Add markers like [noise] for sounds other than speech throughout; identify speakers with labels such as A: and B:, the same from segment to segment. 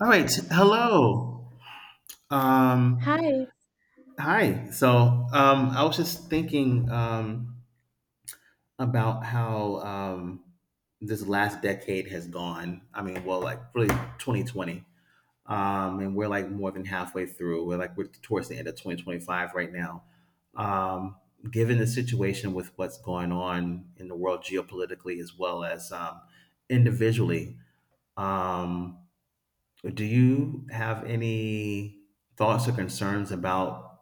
A: All right. Hello. Um,
B: Hi.
A: hi. So I was just thinking about how this last decade has gone. I mean, well, like really 2020. And we're like more than halfway through. We're towards the end of 2025 right now. Um, given the situation with what's going on in the world geopolitically as well as individually. Um, Do you have any thoughts or concerns about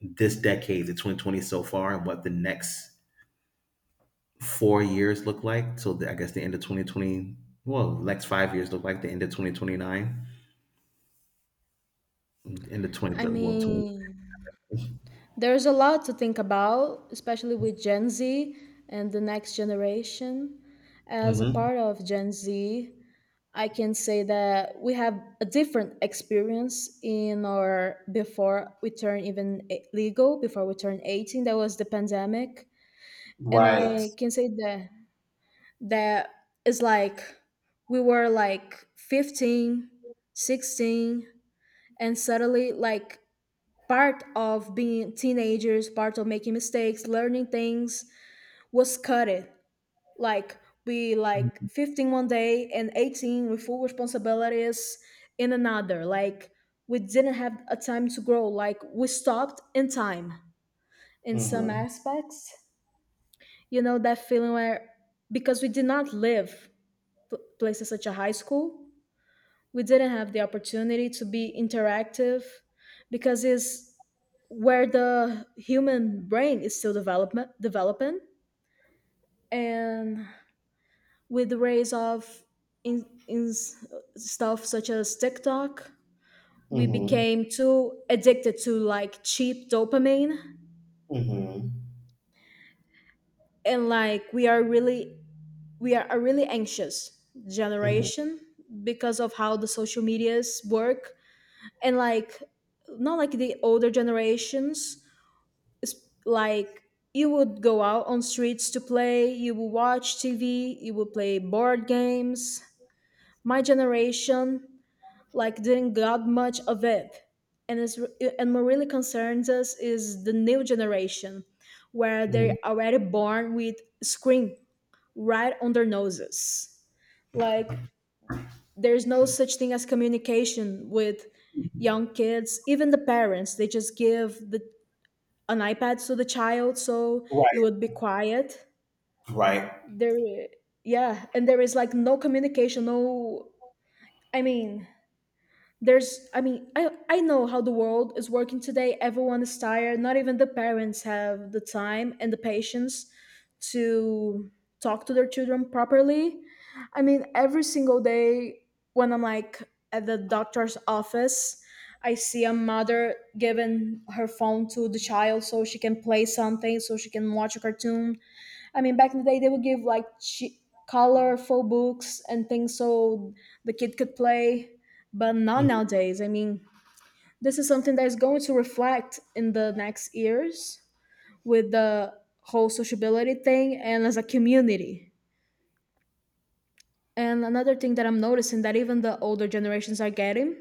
A: this decade, the 2020 so far, and what the next 4 years look like? So I guess the end of 2020, well, the next 5 years look like the end of 2029, end of
B: I
A: 23, well, 20.
B: mean, there's a lot to think about, especially with Gen Z and the next generation. As a
A: Mhm.
B: part of Gen Z, I can say that we have a different experience in our before we turn legal, before we turn 18, that was the pandemic. And
A: Right.
B: I can say that that is like we were like 15, 16, and suddenly like part of being teenagers, part of making mistakes, learning things was cut it. Like we like
A: Mhm.
B: 15 one day and 18 with full responsibilities in another. Like we didn't have a time to grow. Like we stopped in time in some
A: Mhm.
B: aspects. You know that feeling where, because we did not live places such a high school, we didn't have the opportunity to be interactive, because it's where the human brain is still development developing. And with the rise of in stuff such as TikTok, we became too addicted to like cheap dopamine.
A: Mhm.
B: And like we are a really anxious
A: Mhm.
B: generation, because of how the social medias work. And like, not like the older generations. s- like, you would go out on streets to play, you would watch tv, you would play board games. My generation like didn't got much of it. and it's and what really concerns us is the new generation, where they're
A: Mhm.
B: already born with screen right on their noses. Like, there's no such thing as communication with young kids. Even the parents, they just give the an iPad to the child so it
A: Right.
B: would be quiet.
A: Right.
B: There, yeah, and there is like no communication. No, I mean, there's I mean, I know how the world is working today. Everyone is tired. Not even the parents have the time and the patience to talk to their children properly. I mean, every single day when I'm like at the doctor's office, I see a mother giving her phone to the child so she can play something, so she can watch a cartoon. I mean, back in the day, they would give like colorful books and things so the kid could play, but not
A: Mhm.
B: nowadays. I mean, this is something that is going to reflect in the next years with the whole sociability thing and as a community. And another thing that I'm noticing that even the older generations are getting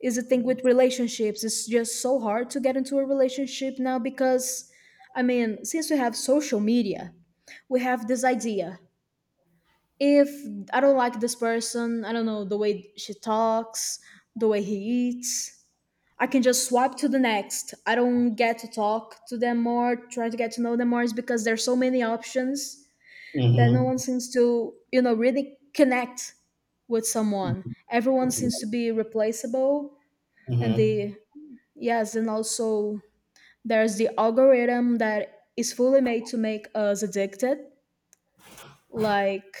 B: is the thing with relationships. It's just so hard to get into a relationship now because, I mean, since we have social media, we have this idea, if I don't like this person, I don't know, the way she talks, the way he eats, I can just swipe to the next. I don't get to talk to them more, try to get to know them more, is because there's so many options that no
A: Mhm.
B: one seems to really connect with someone. Everyone seems to be replaceable. And
A: Mhm.
B: the Yes, and also there's the algorithm that is fully made to make us addicted. Like,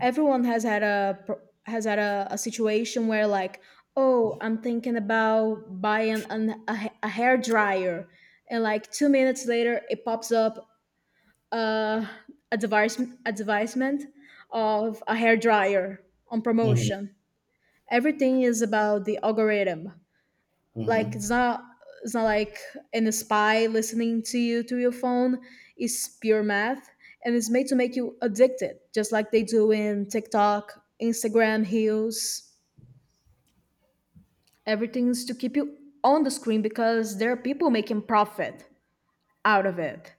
B: everyone has had has had a situation where like, oh, I'm thinking about buying a hair dryer, and like 2 minutes later it pops up uh, a device advertisement of a hair dryer on
A: Mhm.
B: promotion. Everything is about the algorithm. Like,
A: Mhm.
B: it's not like an spy listening to you through your phone. It's pure math, and it's made to make you addicted, just like they do in TikTok, Instagram heels. Everything's to keep you on the screen because there are people making profit out of it.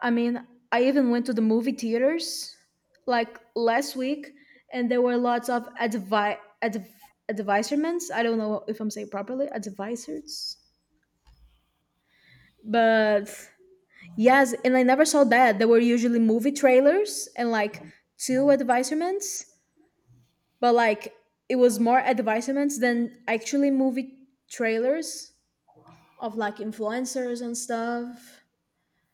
B: I mean, I even went to the movie theaters like last week, and there were lots of advisements. I don't know if I'm saying properly, advisors, but, yes, and I never saw that. There were usually movie trailers and like two advertisements, but like it was more advertisements than actually movie trailers of like influencers and stuff.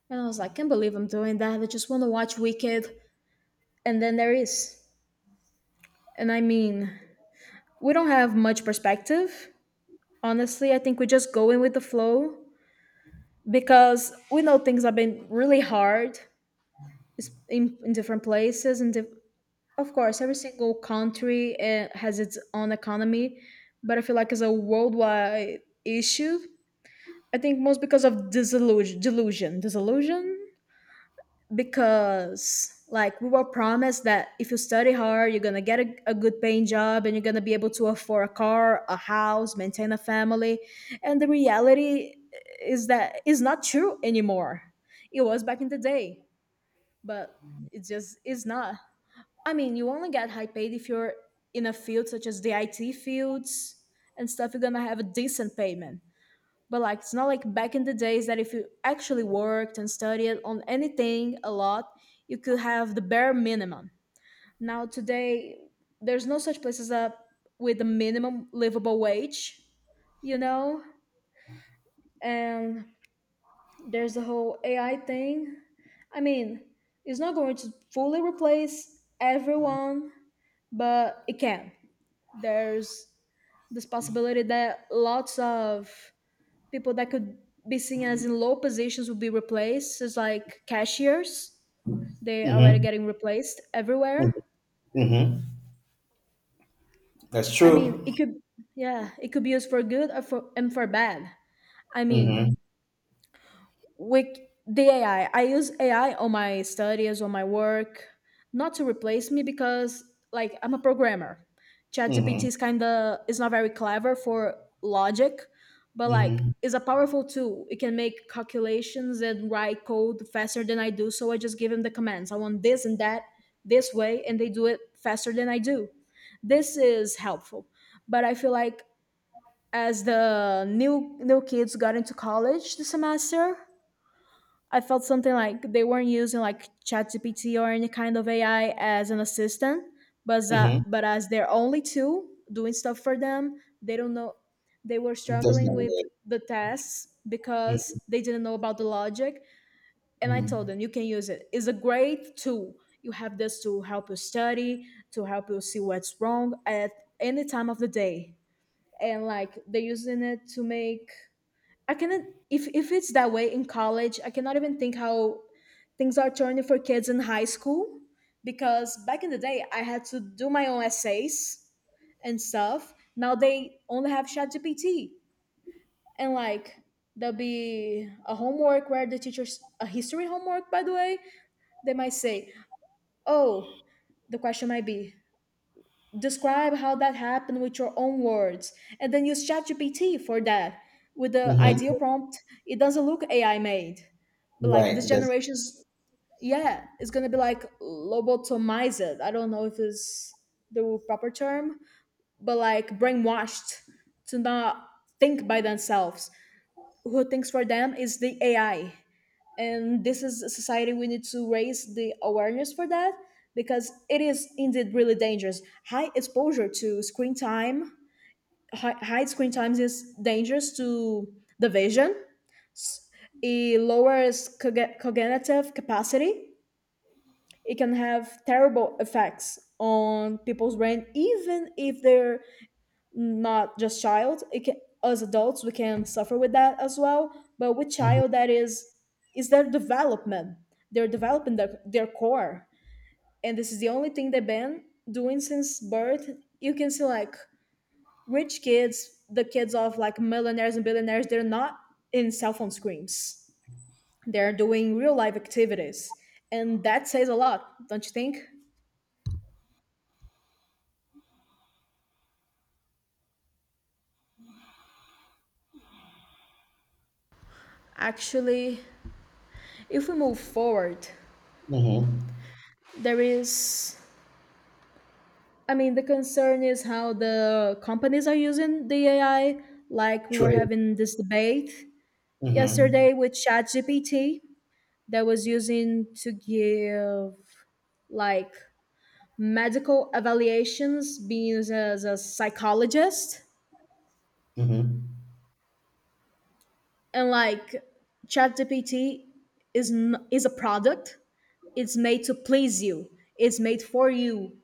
B: And I was like, can't believe I'm doing that. I just want to watch Wicked. And then there is. And I mean, we don't have much perspective. Honestly, I think we just go in with the flow because we know things have been really hard. It's in different places and of course, every single country has its own economy, but I feel like it's a worldwide issue. I think most because of disillusion, delusion, disillusion. Because like we were promised that if you study hard, you're gonna get a good paying job and you're gonna be able to afford a car, a house, maintain a family, and the reality is that is not true anymore. It was back in the day, but it just is not. I mean, you only get high paid if you're in a field such as the it fields and stuff, you're gonna have a decent payment. But like it's not like back in the days that if you actually worked and studied on anything a lot, you could have the bare minimum. Now today, there's no such place as a with a minimum livable wage you know and there's the whole AI thing. I mean, it's not going to fully replace everyone, but it can. There's this possibility that lots of people that could be seen as in low positions will be replaced. It's like cashiers, they are already
A: Mhm.
B: getting replaced everywhere.
A: Mhm. That's
B: I mean,
A: true.
B: it could, yeah, it could be used for good or for, and for bad. I mean,
A: Mhm.
B: with the AI. I use AI on my studies, on my work, not to replace me, because like I'm a programmer. ChatGPT
A: Mhm.
B: is not very clever for logic, but like
A: Mhm.
B: is a powerful tool. It can make calculations and write code faster than I do. So I just give him the commands. I want this and that this way, and they do it faster than I do. This is helpful. But I feel like as the new kids got into college this semester, I felt something like they weren't using like ChatGPT or any kind of AI as an assistant, but
A: Mhm.
B: as their only tool doing stuff for them, they don't know. They were
A: It does
B: struggling
A: not
B: with
A: work.
B: the tests because they didn't know about the logic. And I told
A: Mhm.
B: them, you can use it. It's a great tool. You have this to help you study, to help you see what's wrong at any time of the day. And like they're using it to make. I cannot. If it's that way in college, I cannot even think how things are turning for kids in high school, because back in the day I had to do my own essays and stuff. Now they only have ChatGPT, and like there'll be a homework where the teacher's, a history homework by the way, they might say, "Oh, the question might be, describe how that happened with your own words and then use ChatGPT for that. With the ideal
A: Mhm.
B: prompt, it doesn't look AI made." But like
A: Right.
B: this
A: It does.
B: generation's, yeah, it's gonna be like lobotomized. I don't know if it's the proper term, but like brainwashed, to not think by themselves. Who thinks for them is the AI, and this is a society. We need to raise the awareness for that because it is indeed really dangerous. High exposure to screen time, high, high screen times is dangerous to the vision. It lowers cognitive capacity. It can have terrible effects on people's brain, even if they're not just child. It can, as adults we can suffer with that as well, but with
A: Mhm.
B: child, that is their development. They're developing their core. And this is the only thing they've been doing since birth. You can see like rich kids, the kids of like millionaires and billionaires, they're not in cell phone screens. They're doing real life activities. And that says a lot, don't you think? Actually, if we move forward,
A: Mhm.
B: there is. I mean, the concern is how the companies are using the AI. Like, we were
A: True.
B: having this debate
A: Mhm.
B: yesterday with ChatGPT that was using to give like medical evaluations, being used as a psychologist.
A: Mhm.
B: And like ChatGPT is a product. It's made to please you. It's made for you.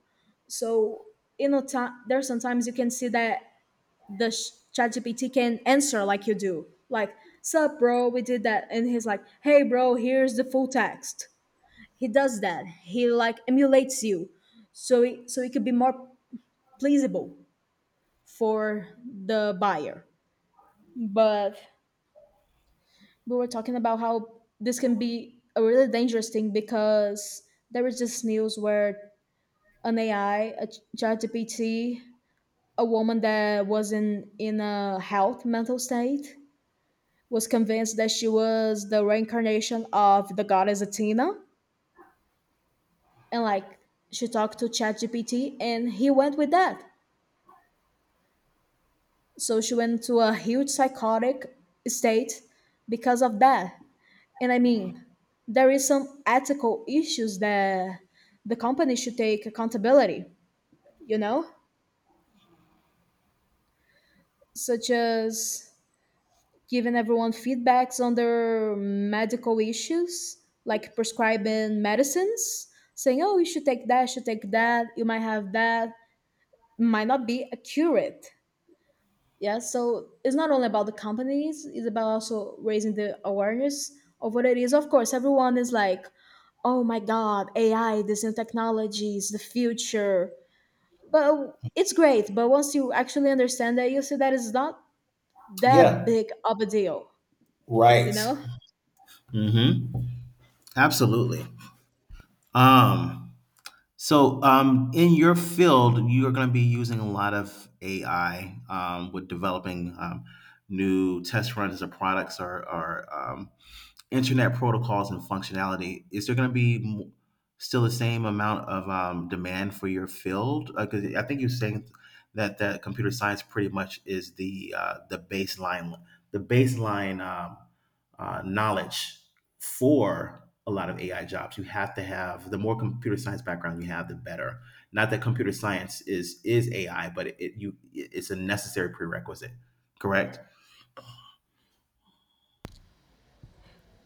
B: So in a time, there sometimes you can see that ChatGPT can answer like you do, like, "Sup, bro? We did that," and he's like, "Hey, bro, here's the full text." He does that. He like emulates you, so it could be more pleasable for the buyer. But we were talking about how this can be a really dangerous thing because there was this news where an AI, ChatGPT, a woman that wasn't in a health mental state was convinced that she was the reincarnation of the goddess Athena. And like she talked to ChatGPT and he went with that. So she went to a huge psychotic state because of that. And I mean, there is some ethical issues that the company should take accountability, you know? Such as giving everyone feedbacks on their medical issues, like prescribing medicines, saying, oh, you should take that, you should take that, you might have that, might not be accurate. Yeah, so it's not only about the companies, it's about also raising the awareness of what it is. Of course, everyone is like, oh my god, AI, this new technology is the future. But it's great, but once you actually understand that, you see that it's not that
A: Yeah.
B: big of a deal, you
A: Right.
B: know?
A: Mm-hmm. Absolutely. Um, so in your field, you are going to be using a lot of AI with developing new test runs or products or internet protocols and functionality. Is there going to be still the same amount of demand for your field? Because I think you're saying that that computer science pretty much is the baseline knowledge for a lot of AI jobs. You have to have the more computer science background you have, the better. Not that computer science is AI, but it's a necessary prerequisite. Correct.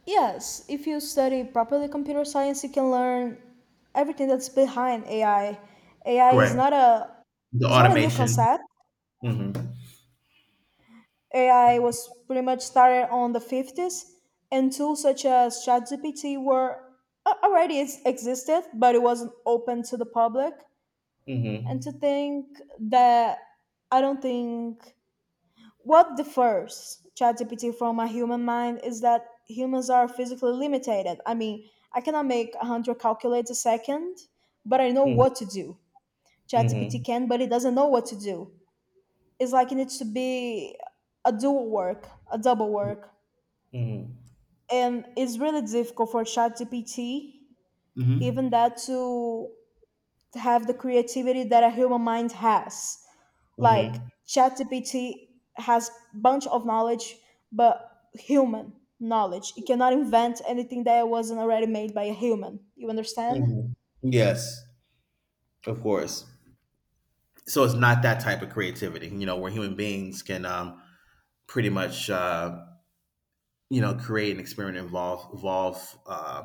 B: Yes, if you study properly computer science, you can learn everything that's behind AI. AI is
A: Correct.
B: not a
A: The
B: is not a new
A: automation.
B: concept.
A: Hmm.
B: AI was pretty much started on the 50s, and tools such as ChatGPT were already existed, but it wasn't open to the public. And
A: Hmm.
B: to think that I don't think What differs ChatGPT from a human mind is that humans are physically limited. I mean, I cannot make 100 calculates a second, but I know
A: Mhm,
B: what to do. ChatGPT
A: mhm,
B: can, but it doesn't know what to do. It's like it needs to be a dual work, a double
A: mm,
B: work.
A: mhm.
B: And it's really difficult for ChatGPT, even
A: Hmm.
B: that to have the creativity that a human mind has. Like
A: Mhm.
B: ChatGPT has bunch of knowledge, but human knowledge. It cannot invent anything that wasn't already made by a human. You understand?
A: Mhm. Yes, of course. So it's not that type of creativity, you know, where human beings can pretty much, you know, create an experiment, involve, evolve, uh,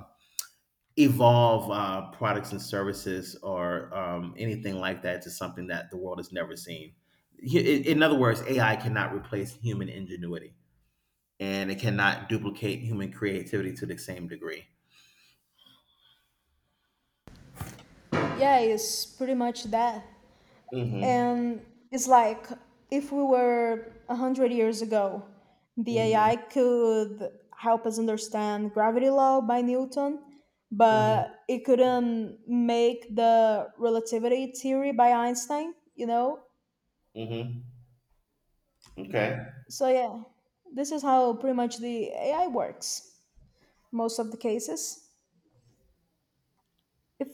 A: evolve uh, products and services or anything like that to something that the world has never seen. In other words, AI cannot replace human ingenuity, and it cannot duplicate human creativity to the same degree.
B: Yeah, it's pretty much that.
A: Hmm.
B: And it's like if we were a hundred years ago, the
A: Hmm.
B: AI could help us understand gravity law by Newton,
A: Hmm.
B: but it couldn't make the relativity theory by Einstein, you know?
A: Mm-hmm. Okay.
B: So yeah, this is how pretty much the AI works. Most of the cases. If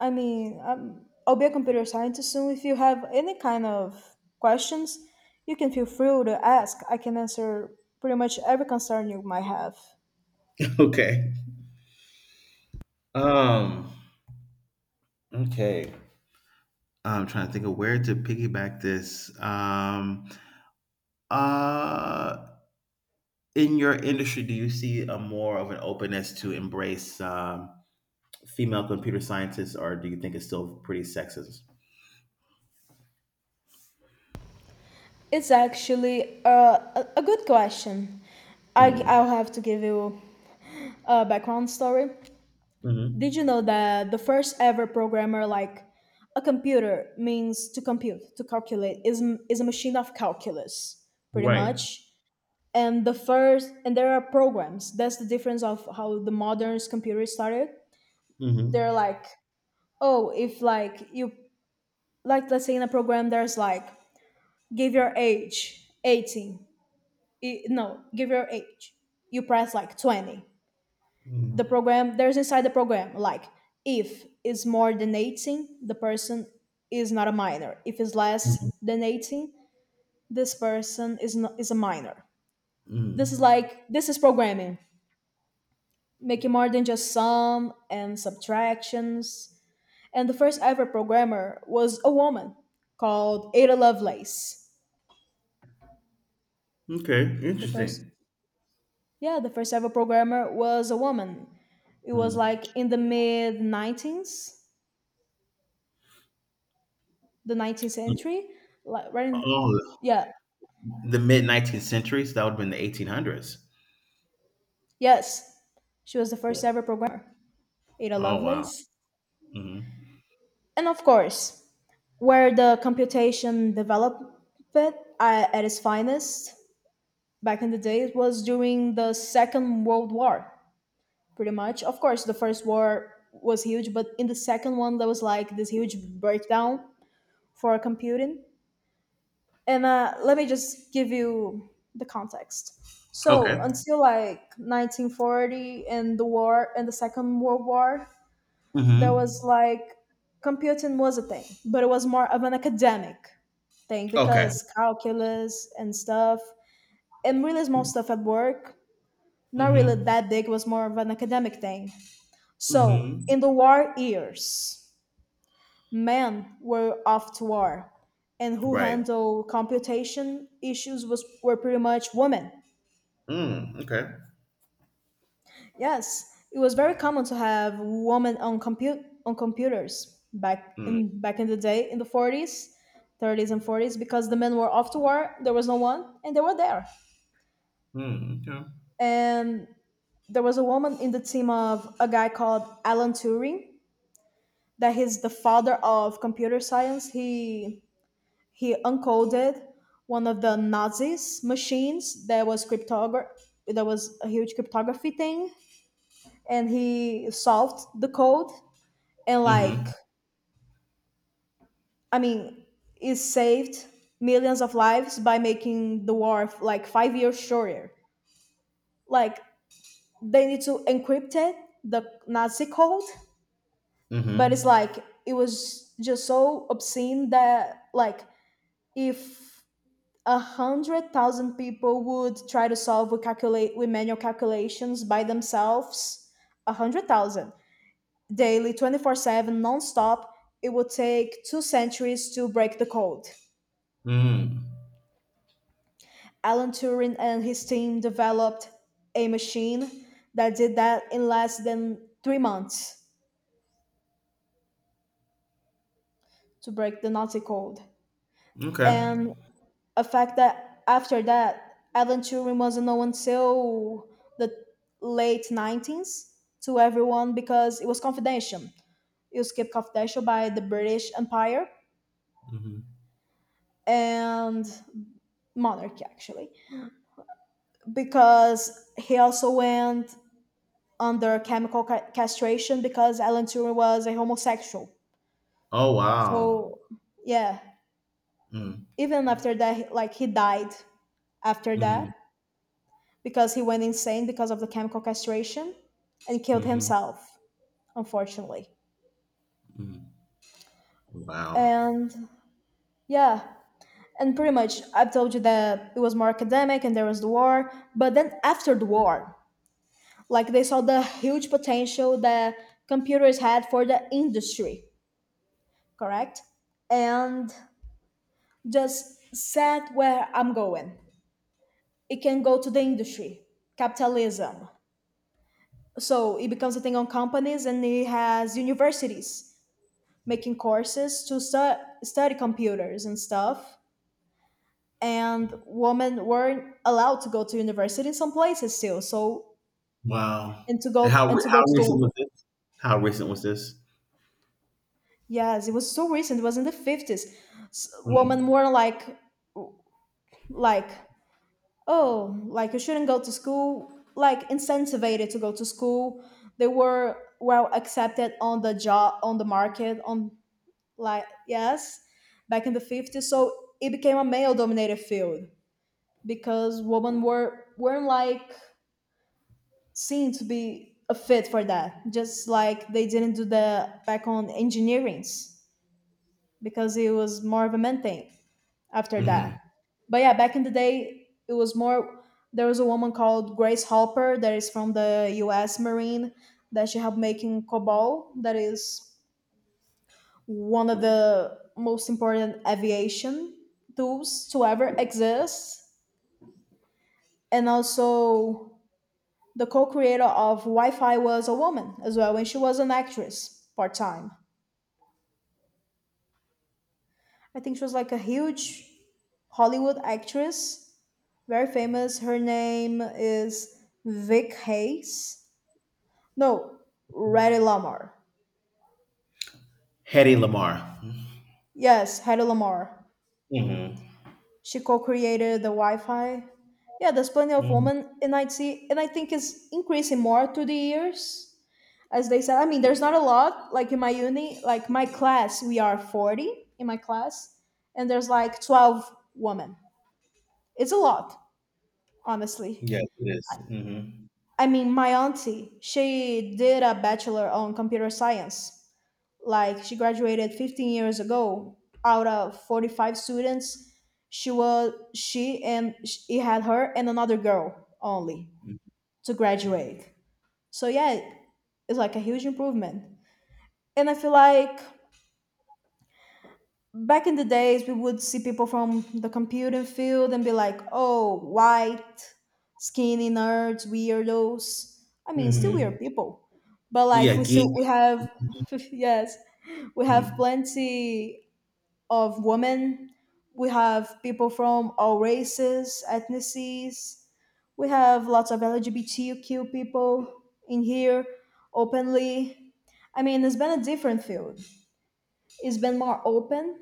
B: I mean, I'll be a computer scientist soon. If you have any kind of questions, you can feel free to ask. I can answer pretty much every concern you might have.
A: [laughs] Okay. Um. Okay. I'm trying to think of where to piggyback this. Uh. In your industry, do you see a more of an openness to embrace female computer scientists, or do you think it's still pretty sexist?
B: It's actually a good question. I,
A: Mm-hmm.
B: I'll have to give you a background story.
A: Mm-hmm.
B: Did you know that the first ever programmer, like, a computer means to compute, to calculate, is a machine of calculus pretty
A: Right.
B: much. And the first and there are programs. That's the difference of how the modern computers started.
A: Mm-hmm.
B: They're like, oh, if, like, you, like, let's say in a program there's like, give your age, 18. No, give your age. You press like 20, the
A: Mm-hmm.
B: program, there's, inside the program, like, if is more than 18, the person is not a minor. If is
A: Mm-hmm.
B: less than 18, this person is not, is a minor. This is programming, making more than just sum and subtractions. And the first ever programmer was a woman called Ada Lovelace.
A: Okay.
B: The first
A: Interesting.
B: Yeah, the first ever programmer was a woman. It was
A: Mm.
B: like in the mid 19s, the 19th century, like, right in,
A: Oh,
B: yeah.
A: the mid 19th centuries. That would have been the 1800s.
B: Yes, she was the first
A: Yeah.
B: ever programmer, Ada
A: Oh, wow.
B: Lovelace.
A: Hmm.
B: And of course, where the computation developed uh, at its finest back in the day was during the Second World War, pretty much. Of course, the first war was huge, but in the second one, there was like this huge breakdown for computing. And let me just give you the context. So
A: Okay.
B: until like 1940 and the war and the Second World War, there was
A: Hmm.
B: like, computing was a thing, but it was more of an academic thing
A: Okay.
B: because calculus and stuff, and really small stuff at work, not really
A: Hmm.
B: that big, was more of an academic thing. So
A: Hmm.
B: in the war years, men were off to war, and who
A: Right.
B: handled computation issues was were pretty much women.
A: Mm, okay.
B: Yes, it was very common to have women on computers back
A: Mm,
B: in back in the day in the 40s, 30s and 40s, because the men were off to war, there was no one, and they were there.
A: mm, okay.
B: And there was a woman in the team of a guy called Alan Turing, that he's the father of computer science. He uncoded one of the Nazis machines that was cryptography. That was a huge cryptography thing, and he solved the code. And, like,
A: Hmm.
B: I mean, it saved millions of lives by making the war like 5 years shorter. Like, they need to encrypt it, the Nazi code, but it's
A: Hmm.
B: like, it was just so obscene that, like, if 100,000 people would try to solve with calculate with manual calculations by themselves. 100,000 daily, 24/7, non-stop. It would take 2 centuries to break the code.
A: Mm,
B: Alan Turing and his team developed a machine that did that in less than 3 months to break the Nazi code.
A: okay.
B: And a fact that after that, Alan Turing wasn't known until the late 19s to everyone because it was confidential. It was kept confidential by the British Empire
A: Hmm.
B: and monarchy, actually, because he also went under chemical castration because Alan Turing was a homosexual.
A: Oh, wow.
B: So, yeah,
A: Mm.
B: even after that, like, he died after that
A: Hmm.
B: because he went insane because of the chemical castration and killed
A: Hmm.
B: himself, unfortunately.
A: Hmm. Wow.
B: And yeah, and pretty much I've told you that it was more academic and there was the war, but then after the war, like, they saw the huge potential that computers had for the industry, correct? And just said where I'm going. It can go to the industry, capitalism. So it becomes a thing on companies, and it has universities making courses to study computers and stuff, and women weren't allowed to go to university in some places still, so.
A: Wow.
B: and to
A: And
B: go
A: How
B: And
A: re-
B: to go
A: how
B: to
A: recent
B: the
A: was this? How recent was this?
B: Yes, it was so recent, it was in the 50s. S Women
A: Mm.
B: were like, oh, like, you shouldn't go to school, like, incentivized to go to school, they were well accepted on the job, on the market, on, like, yes, back in the 50s. So it became a male dominated field because women weren't like, seen to be a fit for that. Just like they didn't do that back on engineerings because it was more of a men thing after
A: Hmm.
B: that. But yeah, back in the day, it was more. There was a woman called Grace Hopper that is from the U.S. Marine, that she helped making COBOL, that is one of the most important aviation tools to ever exist. And also, the co-creator of Wi-Fi was a woman as well, and she was an actress part-time. I think she was like a huge Hollywood actress, very famous. Her name is Vic Hayes. No, Hattie Lamar.
A: Hetty Lamar.
B: Yes, Hattie Lamar.
A: Hmm.
B: She co-created the Wi-Fi. Yeah, there's plenty of
A: Mm,
B: women in IT, and I think it's increasing more through the years. As they said, I mean, there's not a lot. Like, in my uni, like, my class, we are 40 in my class, and there's like 12 women. It's a lot, honestly.
A: yes, it is. Mm-hmm.
B: I mean, my auntie, she did a bachelor on computer science, like, she graduated 15 years ago, out of 45 students, she was, she, and he had her and another girl only to graduate. So yeah, it's like a huge improvement, and I feel like back in the days we would see people from the computing field and be like, oh, white skinny nerds, weirdos, I mean, still
A: Mm-hmm.
B: weird people, but, like,
A: Yeah,
B: we
A: geek.
B: still we have [laughs] yes, we have
A: Mm-hmm.
B: plenty of women, we have people from all races, ethnicities, we have lots of LGBTQ people in here, openly. I mean, it's been a different field, it's been more open,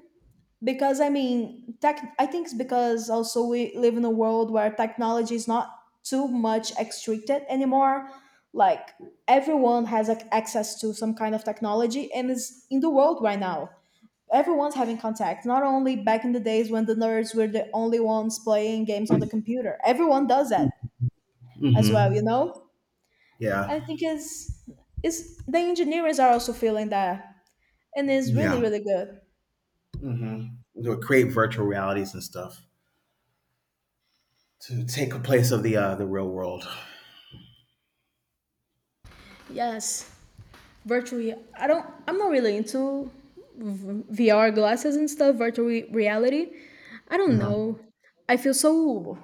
B: because, I mean, tech. I think it's because also we live in a world where technology is not too much restricted anymore. Like, everyone has, like, access to some kind of technology, and is in the world right now. Everyone's having contact. Not only back in the days when the nerds were the only ones playing games on the computer. Everyone does that as
A: Mm-hmm.
B: well, you know.
A: Yeah.
B: I think is the engineers are also feeling that, and it's really
A: Yeah.
B: really good.
A: Hmm. To create virtual realities and stuff to take a place of the real world.
B: Yes, virtually, I'm not really into VR glasses and stuff, virtual reality, I don't
A: Uh-huh.
B: know. I feel so,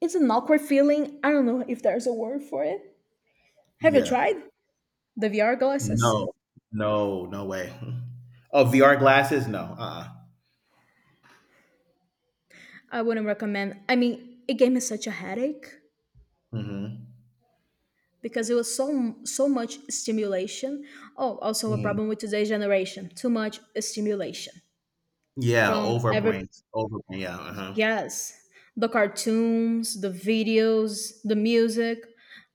B: it's an awkward feeling, I don't know if there's a word for it. Have you
A: Yeah.
B: tried the VR glasses?
A: No. No. No way. Oh, VR glasses? No.
B: I wouldn't recommend. I mean, it gave me such a headache
A: Hmm.
B: because it was so much stimulation. Oh, also a
A: Hmm.
B: problem with today's generation, too much stimulation
A: Yeah.
B: from every,
A: Overbrains. Overbrain. Yeah. Uh huh.
B: yes, the cartoons, the videos, the music.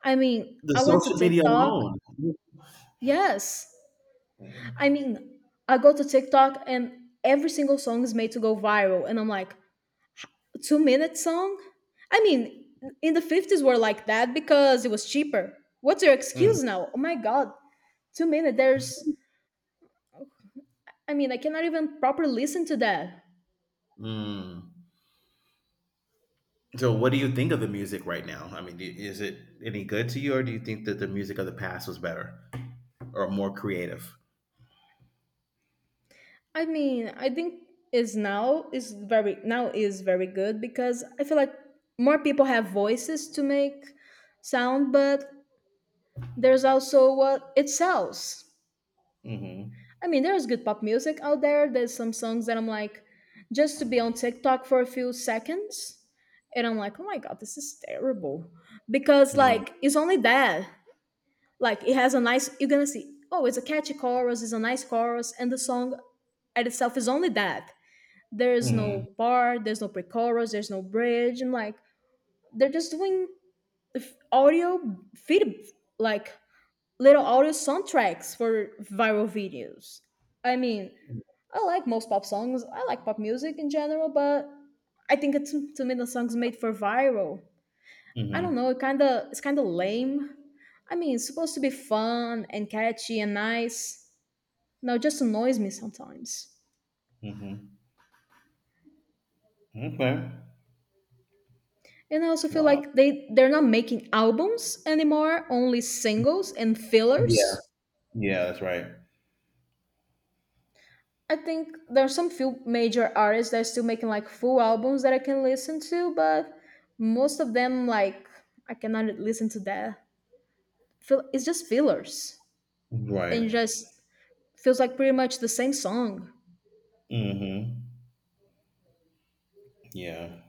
B: I mean,
A: The
B: I went to
A: social media
B: TikTok.
A: alone.
B: Yes. I mean, I go to TikTok and every single song is made to go viral. And I'm like, a 2 minute song? I mean, in the 50s were like that because it was cheaper. What's your
A: Mm.
B: excuse now? Oh my God, 2 minute. There's, I mean, I cannot even properly listen to that.
A: Mm. So, what do you think of the music right now? I mean, is it any good to you, or do you think that the music of the past was better or more creative?
B: I mean, I think is now is very good because I feel like more people have voices to make sound, but there's also what it sells.
A: Hmm.
B: I mean, there's good pop music out there. There's some songs that I'm like, just to be on TikTok for a few seconds, and I'm like, oh my god, this is terrible, because like it's only that. Like it has a nice, you're gonna see, oh, it's a catchy chorus, it's a nice chorus, and the song at itself is only that. There's
A: Mm-hmm.
B: no bar, there's no pre-chorus, there's no bridge, and like they're just doing audio feed, like little audio soundtracks for viral videos. I mean, I like most pop songs. I like pop music in general, but I think it's to me the songs made for viral. I don't know.
A: Mhm.
B: It's kind of lame. I mean, it's supposed to be fun and catchy and nice. No, it just annoys me sometimes.
A: Mhm. Okay.
B: And I also feel
A: Wow.
B: like they're not making albums anymore, only singles and
A: Yeah.
B: fillers.
A: Yeah, that's right.
B: I think there are some few major artists that are still making like full albums that I can listen to, but most of them, like, I cannot listen to that. Fill It's just fillers
A: Right.
B: and just feels like pretty much the same song.
A: Mhm. Yeah.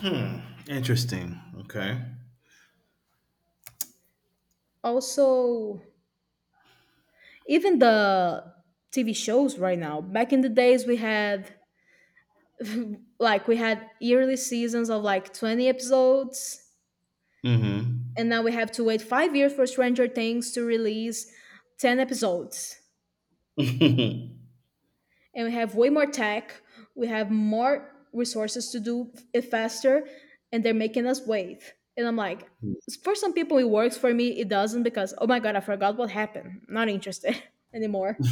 A: Hmm. Interesting. Okay.
B: Also, even the TV shows right now. Back in the days, we had yearly seasons of like 20 episodes,
A: Mhm.
B: and now we have to wait 5 years for Stranger Things to release 10 episodes.
A: [laughs]
B: And we have way more tech, we have more resources to do it faster, and they're making us wait. And I'm like, for some people it works, for me it doesn't, because, oh my god, I forgot what happened. Not interested [laughs] anymore.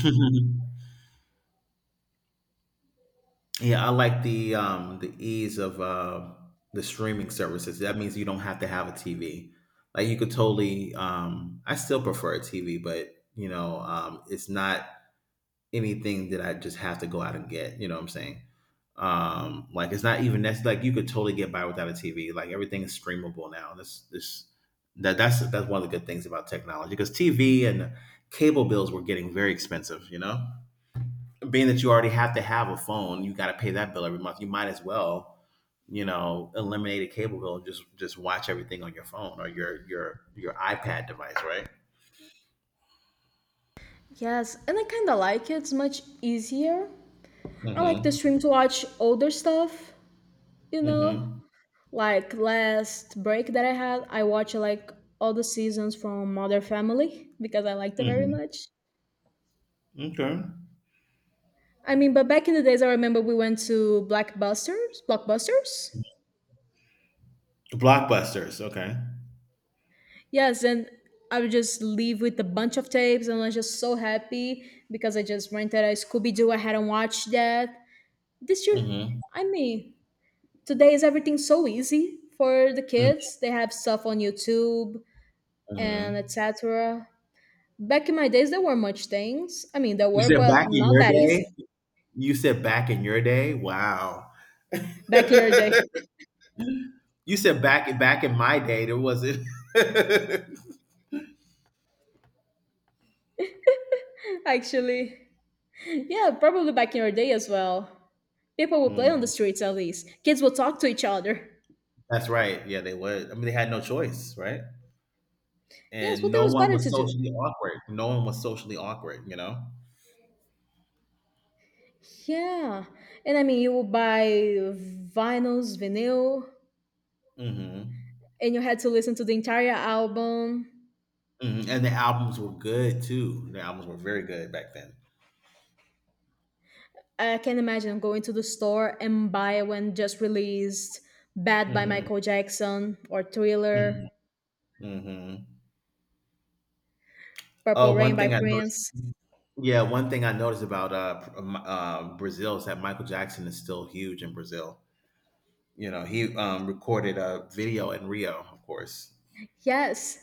A: Yeah, I like the ease of the streaming services. That means you don't have to have a TV. Like, you could totally I still prefer a TV, but you know, it's not anything that I just have to go out and get. You know what I'm saying? Like, it's not even that's like you could totally get by without a TV. Like everything is streamable now. That's this that that's one of the good things about technology, because TV and cable bills were getting very expensive. You know, being that you already have to have a phone, you got to pay that bill every month. You might as well, you know, eliminate a cable bill and just watch everything on your phone or your iPad device, right?
B: Yes, and I kind of like it. It's much easier. I like the
A: Mm-hmm.
B: stream to watch older stuff, you know?
A: Mm-hmm.
B: Like last break that I had, I watched like all the seasons from Mother Family because I liked it very
A: Mm-hmm.
B: much.
A: Okay.
B: I mean, but back in the days, I remember we went to Blockbusters.
A: Blockbusters. Okay.
B: Yes, and I would just leave with a bunch of tapes, and I was just so happy because I just rented a Scooby Doo. I hadn't watched that this year.
A: Mm-hmm.
B: I mean, today is everything so easy for the kids. They have stuff on YouTube and
A: Mm-hmm.
B: etc. Back in my days, there were much things. I mean, there
A: You
B: were,
A: said
B: but
A: back in
B: not
A: your
B: that
A: day.
B: easy.
A: You said back in your day. Wow. [laughs]
B: Back in your day,
A: You said back in my day there wasn't. [laughs]
B: [laughs] actually. Yeah, probably back in your day as well. People would play on the
A: Hmm.
B: streets at least. Kids would talk to each other.
A: That's right. Yeah, they would. I mean, they had no choice, right?
B: Yes,
A: And
B: but there
A: no
B: was
A: one
B: better
A: was
B: to do.
A: socially awkward. No one was socially awkward. You know.
B: Yeah. And I mean, you would buy vinyl,
A: Hmm.
B: and you had to listen to the entire album.
A: Hmm. And the albums were good too. The albums were very good back then.
B: I can't imagine going to the store and buy when just released Bad by
A: Mm-hmm.
B: Michael Jackson, or Thriller,
A: Mm-hmm. Mm-hmm.
B: Purple
A: Oh,
B: Rain
A: one
B: by
A: thing I noticed.
B: Prince.
A: Yeah, one thing I noticed about Brazil is that Michael Jackson is still huge in Brazil. You know, he recorded a video in Rio, of course.
B: Yes,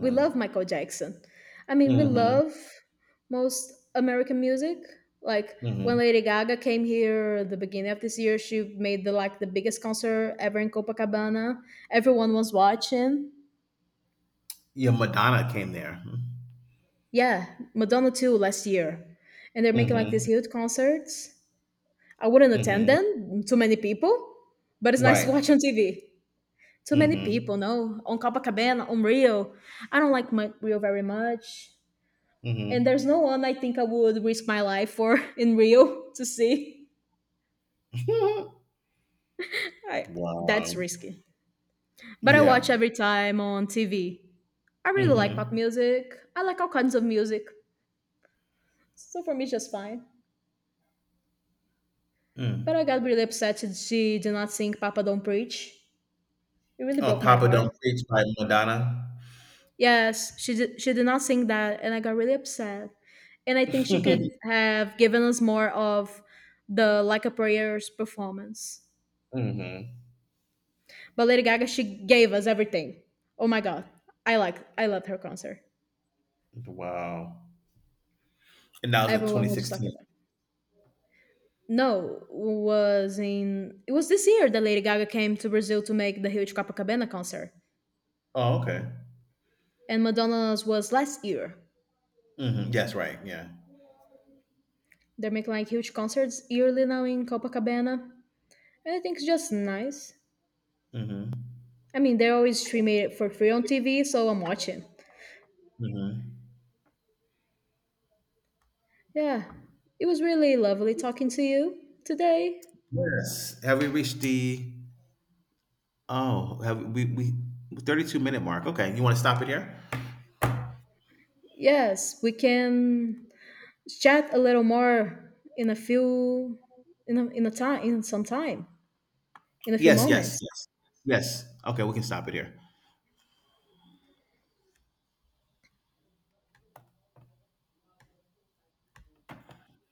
B: we love Michael Jackson. I mean, we
A: Hmm.
B: love most American music. Like when
A: Hmm.
B: Lady Gaga came here at the beginning of this year, she made the like the biggest concert ever in Copacabana. Everyone was watching.
A: Yeah, Madonna came there.
B: Yeah, Madonna too last year. And they're making like these
A: Hmm.
B: huge concerts. I wouldn't attend
A: Hmm.
B: them, too many people, but it's nice to
A: Right.
B: watch on TV. Too many people,
A: Hmm.
B: no? On Copacabana, on Rio. I don't like my Rio very much.
A: Hmm.
B: And there's no one I think I would risk my life for [laughs] in real to see.
A: [laughs]
B: I,
A: Wow.
B: that's risky. But I watch
A: Yeah.
B: every time on TV. I really like pop
A: Hmm.
B: music. I like all kinds of music. So for me, it's just fine. But I
A: Mm.
B: got really upset that she did not sing Papa Don't Preach. It really
A: Oh,
B: broke my
A: Papa Don't
B: heart.
A: Preach by Madonna.
B: Yes, she did not sing that, and I got really upset. And I think she could
A: [laughs]
B: have given us more of the Like a Prayer's performance.
A: Hmm.
B: But Lady Gaga, she gave us everything. Oh my god, I love her concert.
A: Wow. And that was in
B: Everyone was just
A: 2016.
B: talking about. No, was in it was this year that Lady Gaga came to Brazil to make the huge Copacabana concert,
A: Oh, okay.
B: and Madonna's was last year.
A: Hmm. Yes, right. Yeah.
B: They're making like huge concerts yearly now in Copacabana, and I think it's just nice.
A: Mm-hmm.
B: I mean, they always stream it for free on TV, so I'm watching.
A: Mm-hmm.
B: Yeah, it was really lovely talking to you today.
A: Yes. Have we reached the? Oh, have we 32 minute mark? Okay, you want to stop it here?
B: Yes, we can chat a little more in a time in some time in a few
A: Yes, yes,
B: moments
A: yes, yes. Okay, we can stop it here.